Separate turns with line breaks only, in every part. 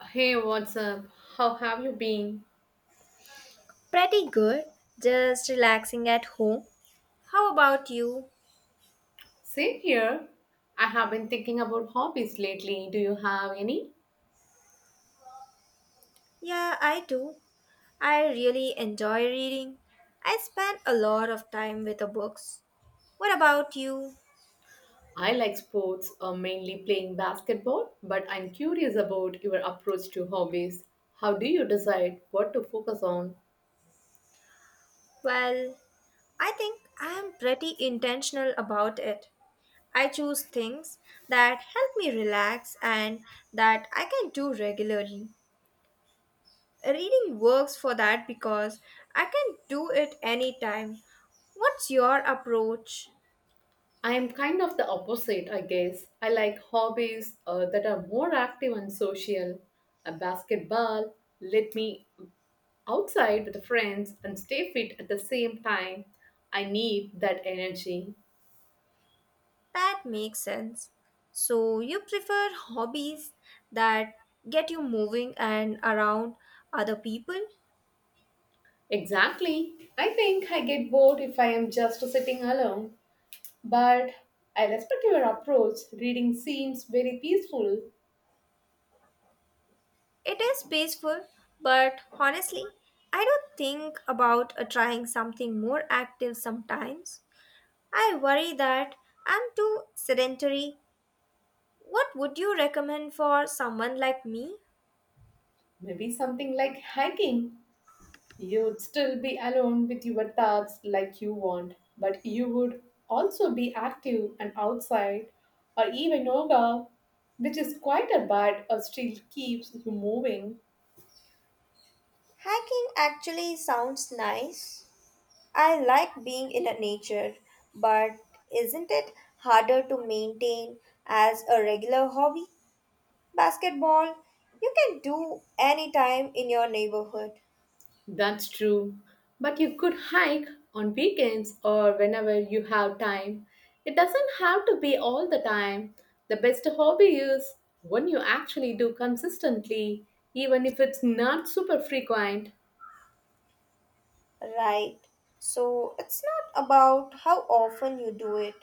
Hey, what's up? How have you been?
Pretty good. Just relaxing at home. How about you?
Same here. I have been thinking about hobbies lately. Do you have any?
Yeah, I do. I really enjoy reading. I spend a lot of time with the books. What about you?
I like sports, mainly playing basketball, but I'm curious about your approach to hobbies. How do you decide what to focus on?
Well, I think I am pretty intentional about it. I choose things that help me relax and that I can do regularly. Reading works for that because I can do it anytime. What's your approach?
I am kind of the opposite, I guess. I like hobbies that are more active and social. A basketball let me outside with friends and stay fit at the same time. I need that energy.
That makes sense. So, you prefer hobbies that get you moving and around other people?
Exactly. I think I get bored if I am just sitting alone, but I respect your approach. Reading seems very peaceful.
It is peaceful, but honestly, I don't think about trying something more active sometimes. I worry that I'm too sedentary. What would you recommend for someone like me?
Maybe something like hiking. You'd still be alone with your thoughts like you want, but you would also be active and outside, or even yoga, which is quieter but still keeps you moving.
Hiking actually sounds nice. I like being in a nature, but isn't it harder to maintain as a regular hobby? Basketball, you can do any time in your neighborhood,
That's true. But you could hike on weekends or whenever you have time. It doesn't have to be all the time. The best hobby is one you actually do consistently, even if it's not super frequent.
right? So it's not about how often you do it,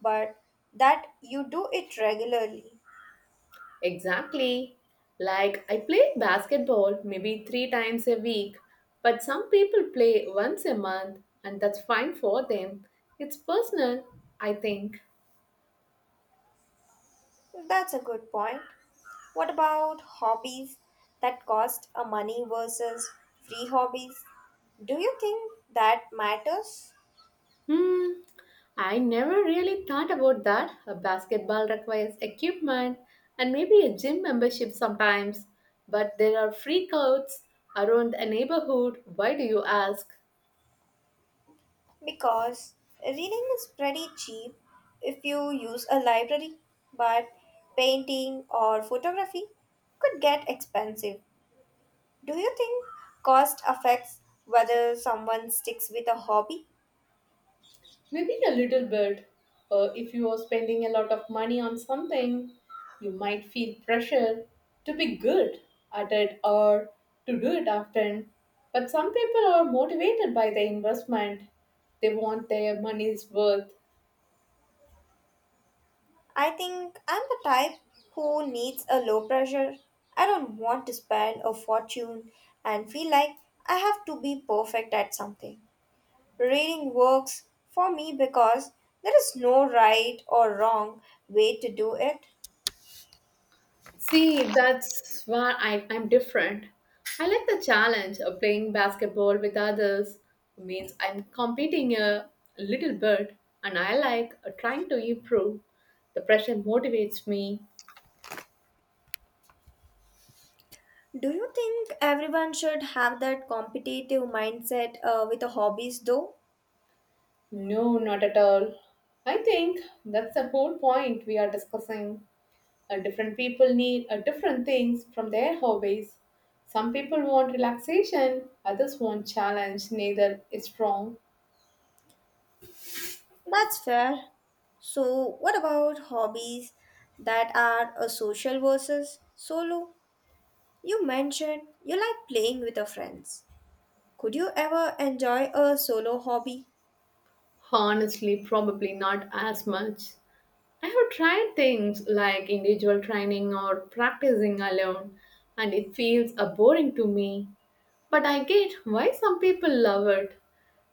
but that you do it regularly.
Exactly. Like I play basketball maybe three times a week, but some people play once a month, and that's fine for them. It's personal, I think.
That's a good point. What about hobbies that cost a money versus free hobbies? Do you think that matters?
Hmm, I never really thought about that. A basketball requires equipment and maybe a gym membership sometimes, but there are free courts around the neighborhood. Why do you ask?
Because reading is pretty cheap if you use a library, but painting or photography could get expensive. Do you think cost affects whether someone sticks with a hobby?
Maybe a little bit. If you are spending a lot of money on something, you might feel pressure to be good at it or to do it often. But some people are motivated by the investment they want their money's worth.
I think I'm the type who needs a low pressure. I don't want to spend a fortune and feel like I have to be perfect at something. Reading works for me because there is no right or wrong way to do it.
See, that's why I'm different. I like the challenge of playing basketball with others. Means I'm competing a little bit, and I like trying to improve. The pressure motivates me.
Do you think everyone should have that competitive mindset with the hobbies though?
No, not at all. I think that's the whole point we are discussing. Different people need different things from their hobbies. Some people want relaxation, others want challenge. Neither is wrong.
That's fair. So, what about hobbies that are a social versus solo? You mentioned you like playing with your friends. Could you ever enjoy a solo hobby?
Honestly, probably not as much. I have tried things like individual training or practicing alone, and it feels boring to me. But I get why some people love it.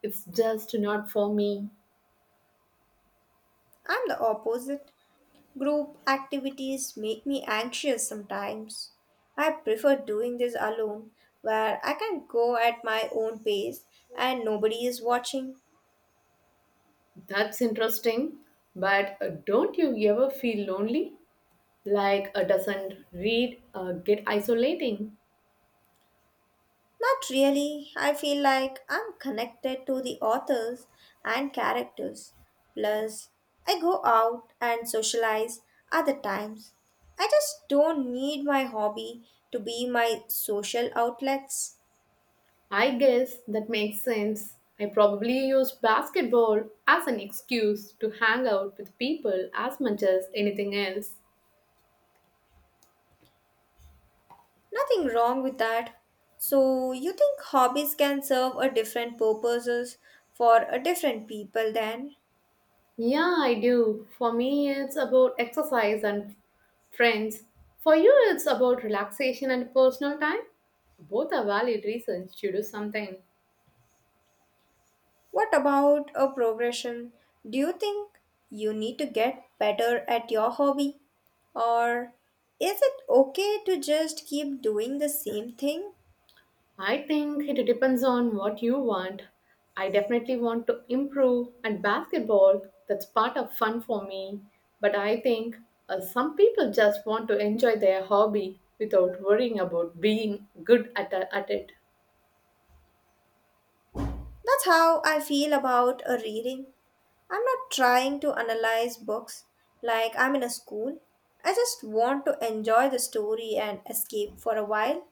It's just not for me.
I'm the opposite. Group activities make me anxious sometimes. I prefer doing this alone, where I can go at my own pace and nobody is watching.
That's interesting. But don't you ever feel lonely? Like, doesn't read get isolating?
Not really. I feel like I'm connected to the authors and characters. Plus, I go out and socialize other times. I just don't need my hobby to be my social outlets.
I guess that makes sense. I probably use basketball as an excuse to hang out with people as much as anything else.
Nothing wrong with that. So, you think hobbies can serve a different purposes for a different people then?
Yeah, I do. For me, it's about exercise and friends. For you, it's about relaxation and personal time. Both are valid reasons to do something.
What about a progression? Do you think you need to get better at your hobby? Or is it okay to just keep doing the same thing?
I think it depends on what you want. I definitely want to improve, and basketball, that's part of fun for me. But I think some people just want to enjoy their hobby without worrying about being good at it.
That's how I feel about a reading. I'm not trying to analyze books like I'm in a school. I just want to enjoy the story and escape for a while.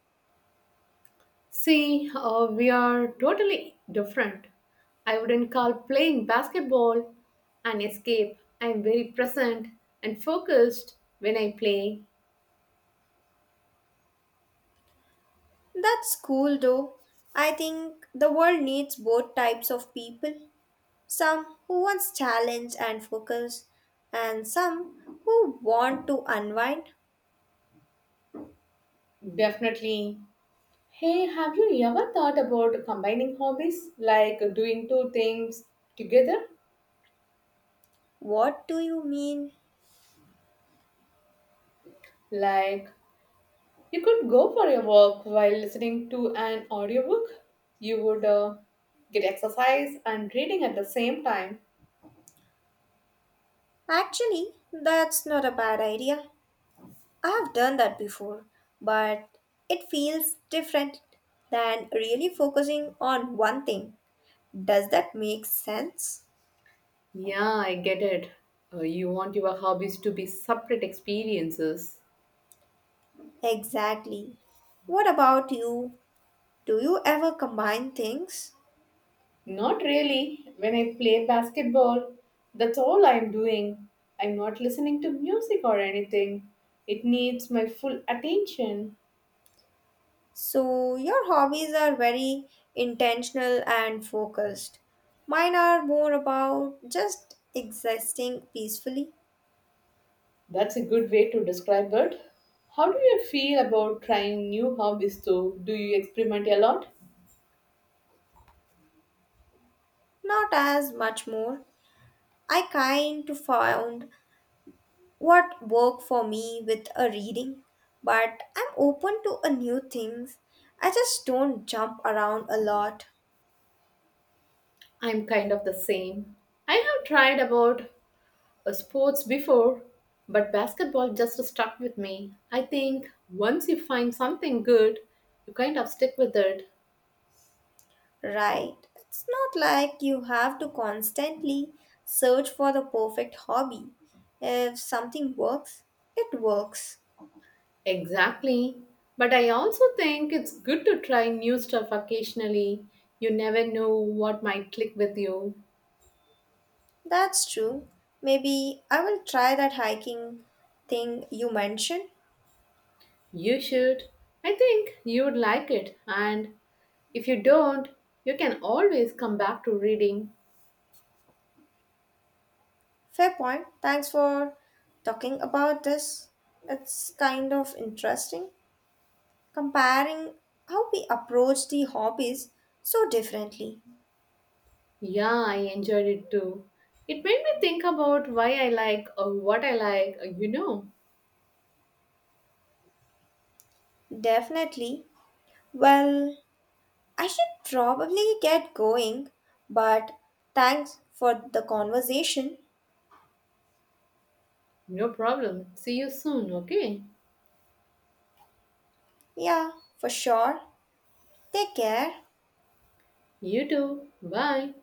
See, we are totally different. I wouldn't call playing basketball an escape. I am very present and focused when I play.
That's cool though. I think the world needs both types of people. Some who want challenge and focus, and some who want to unwind.
Definitely, hey, have you ever thought about combining hobbies like doing two things together?
What do you mean?
Like you could go for a walk while listening to an audiobook. You would get exercise and reading at the same time.
Actually, that's not a bad idea. I have done that before, but it feels different than really focusing on one thing. Does that make sense?
Yeah, I get it. You want your hobbies to be separate experiences.
Exactly. What about you? Do you ever combine things?
Not really. When I play basketball, that's all I'm doing. I'm not listening to music or anything. It needs my full attention.
So, your hobbies are very intentional and focused. Mine are more about just existing peacefully,
That's a good way to describe it. How do you feel about trying new hobbies though? Do you experiment a lot?
not as much more. I kind of found what worked for me with a reading, but I'm open to a new things. I just don't jump around a lot,
I'm kind of the same. I have tried about sports before, but basketball just stuck with me. I think once you find something good, you kind of stick with it.
right? It's not like you have to constantly search for the perfect hobby. If something works, it works.
Exactly. But I also think it's good to try new stuff occasionally. You never know what might click with you.
That's true. Maybe I will try that hiking thing you mentioned.
You should. I think you would like it. And if you don't, you can always come back to reading.
Fair point. Thanks for talking about this. It's kind of interesting comparing how we approach the hobbies so differently.
Yeah, I enjoyed it too. It made me think about why I like or what I like,
Definitely. Well, I should probably get going, but thanks for the conversation.
No problem. See you soon, okay?
Yeah, for sure. Take care.
You too. Bye.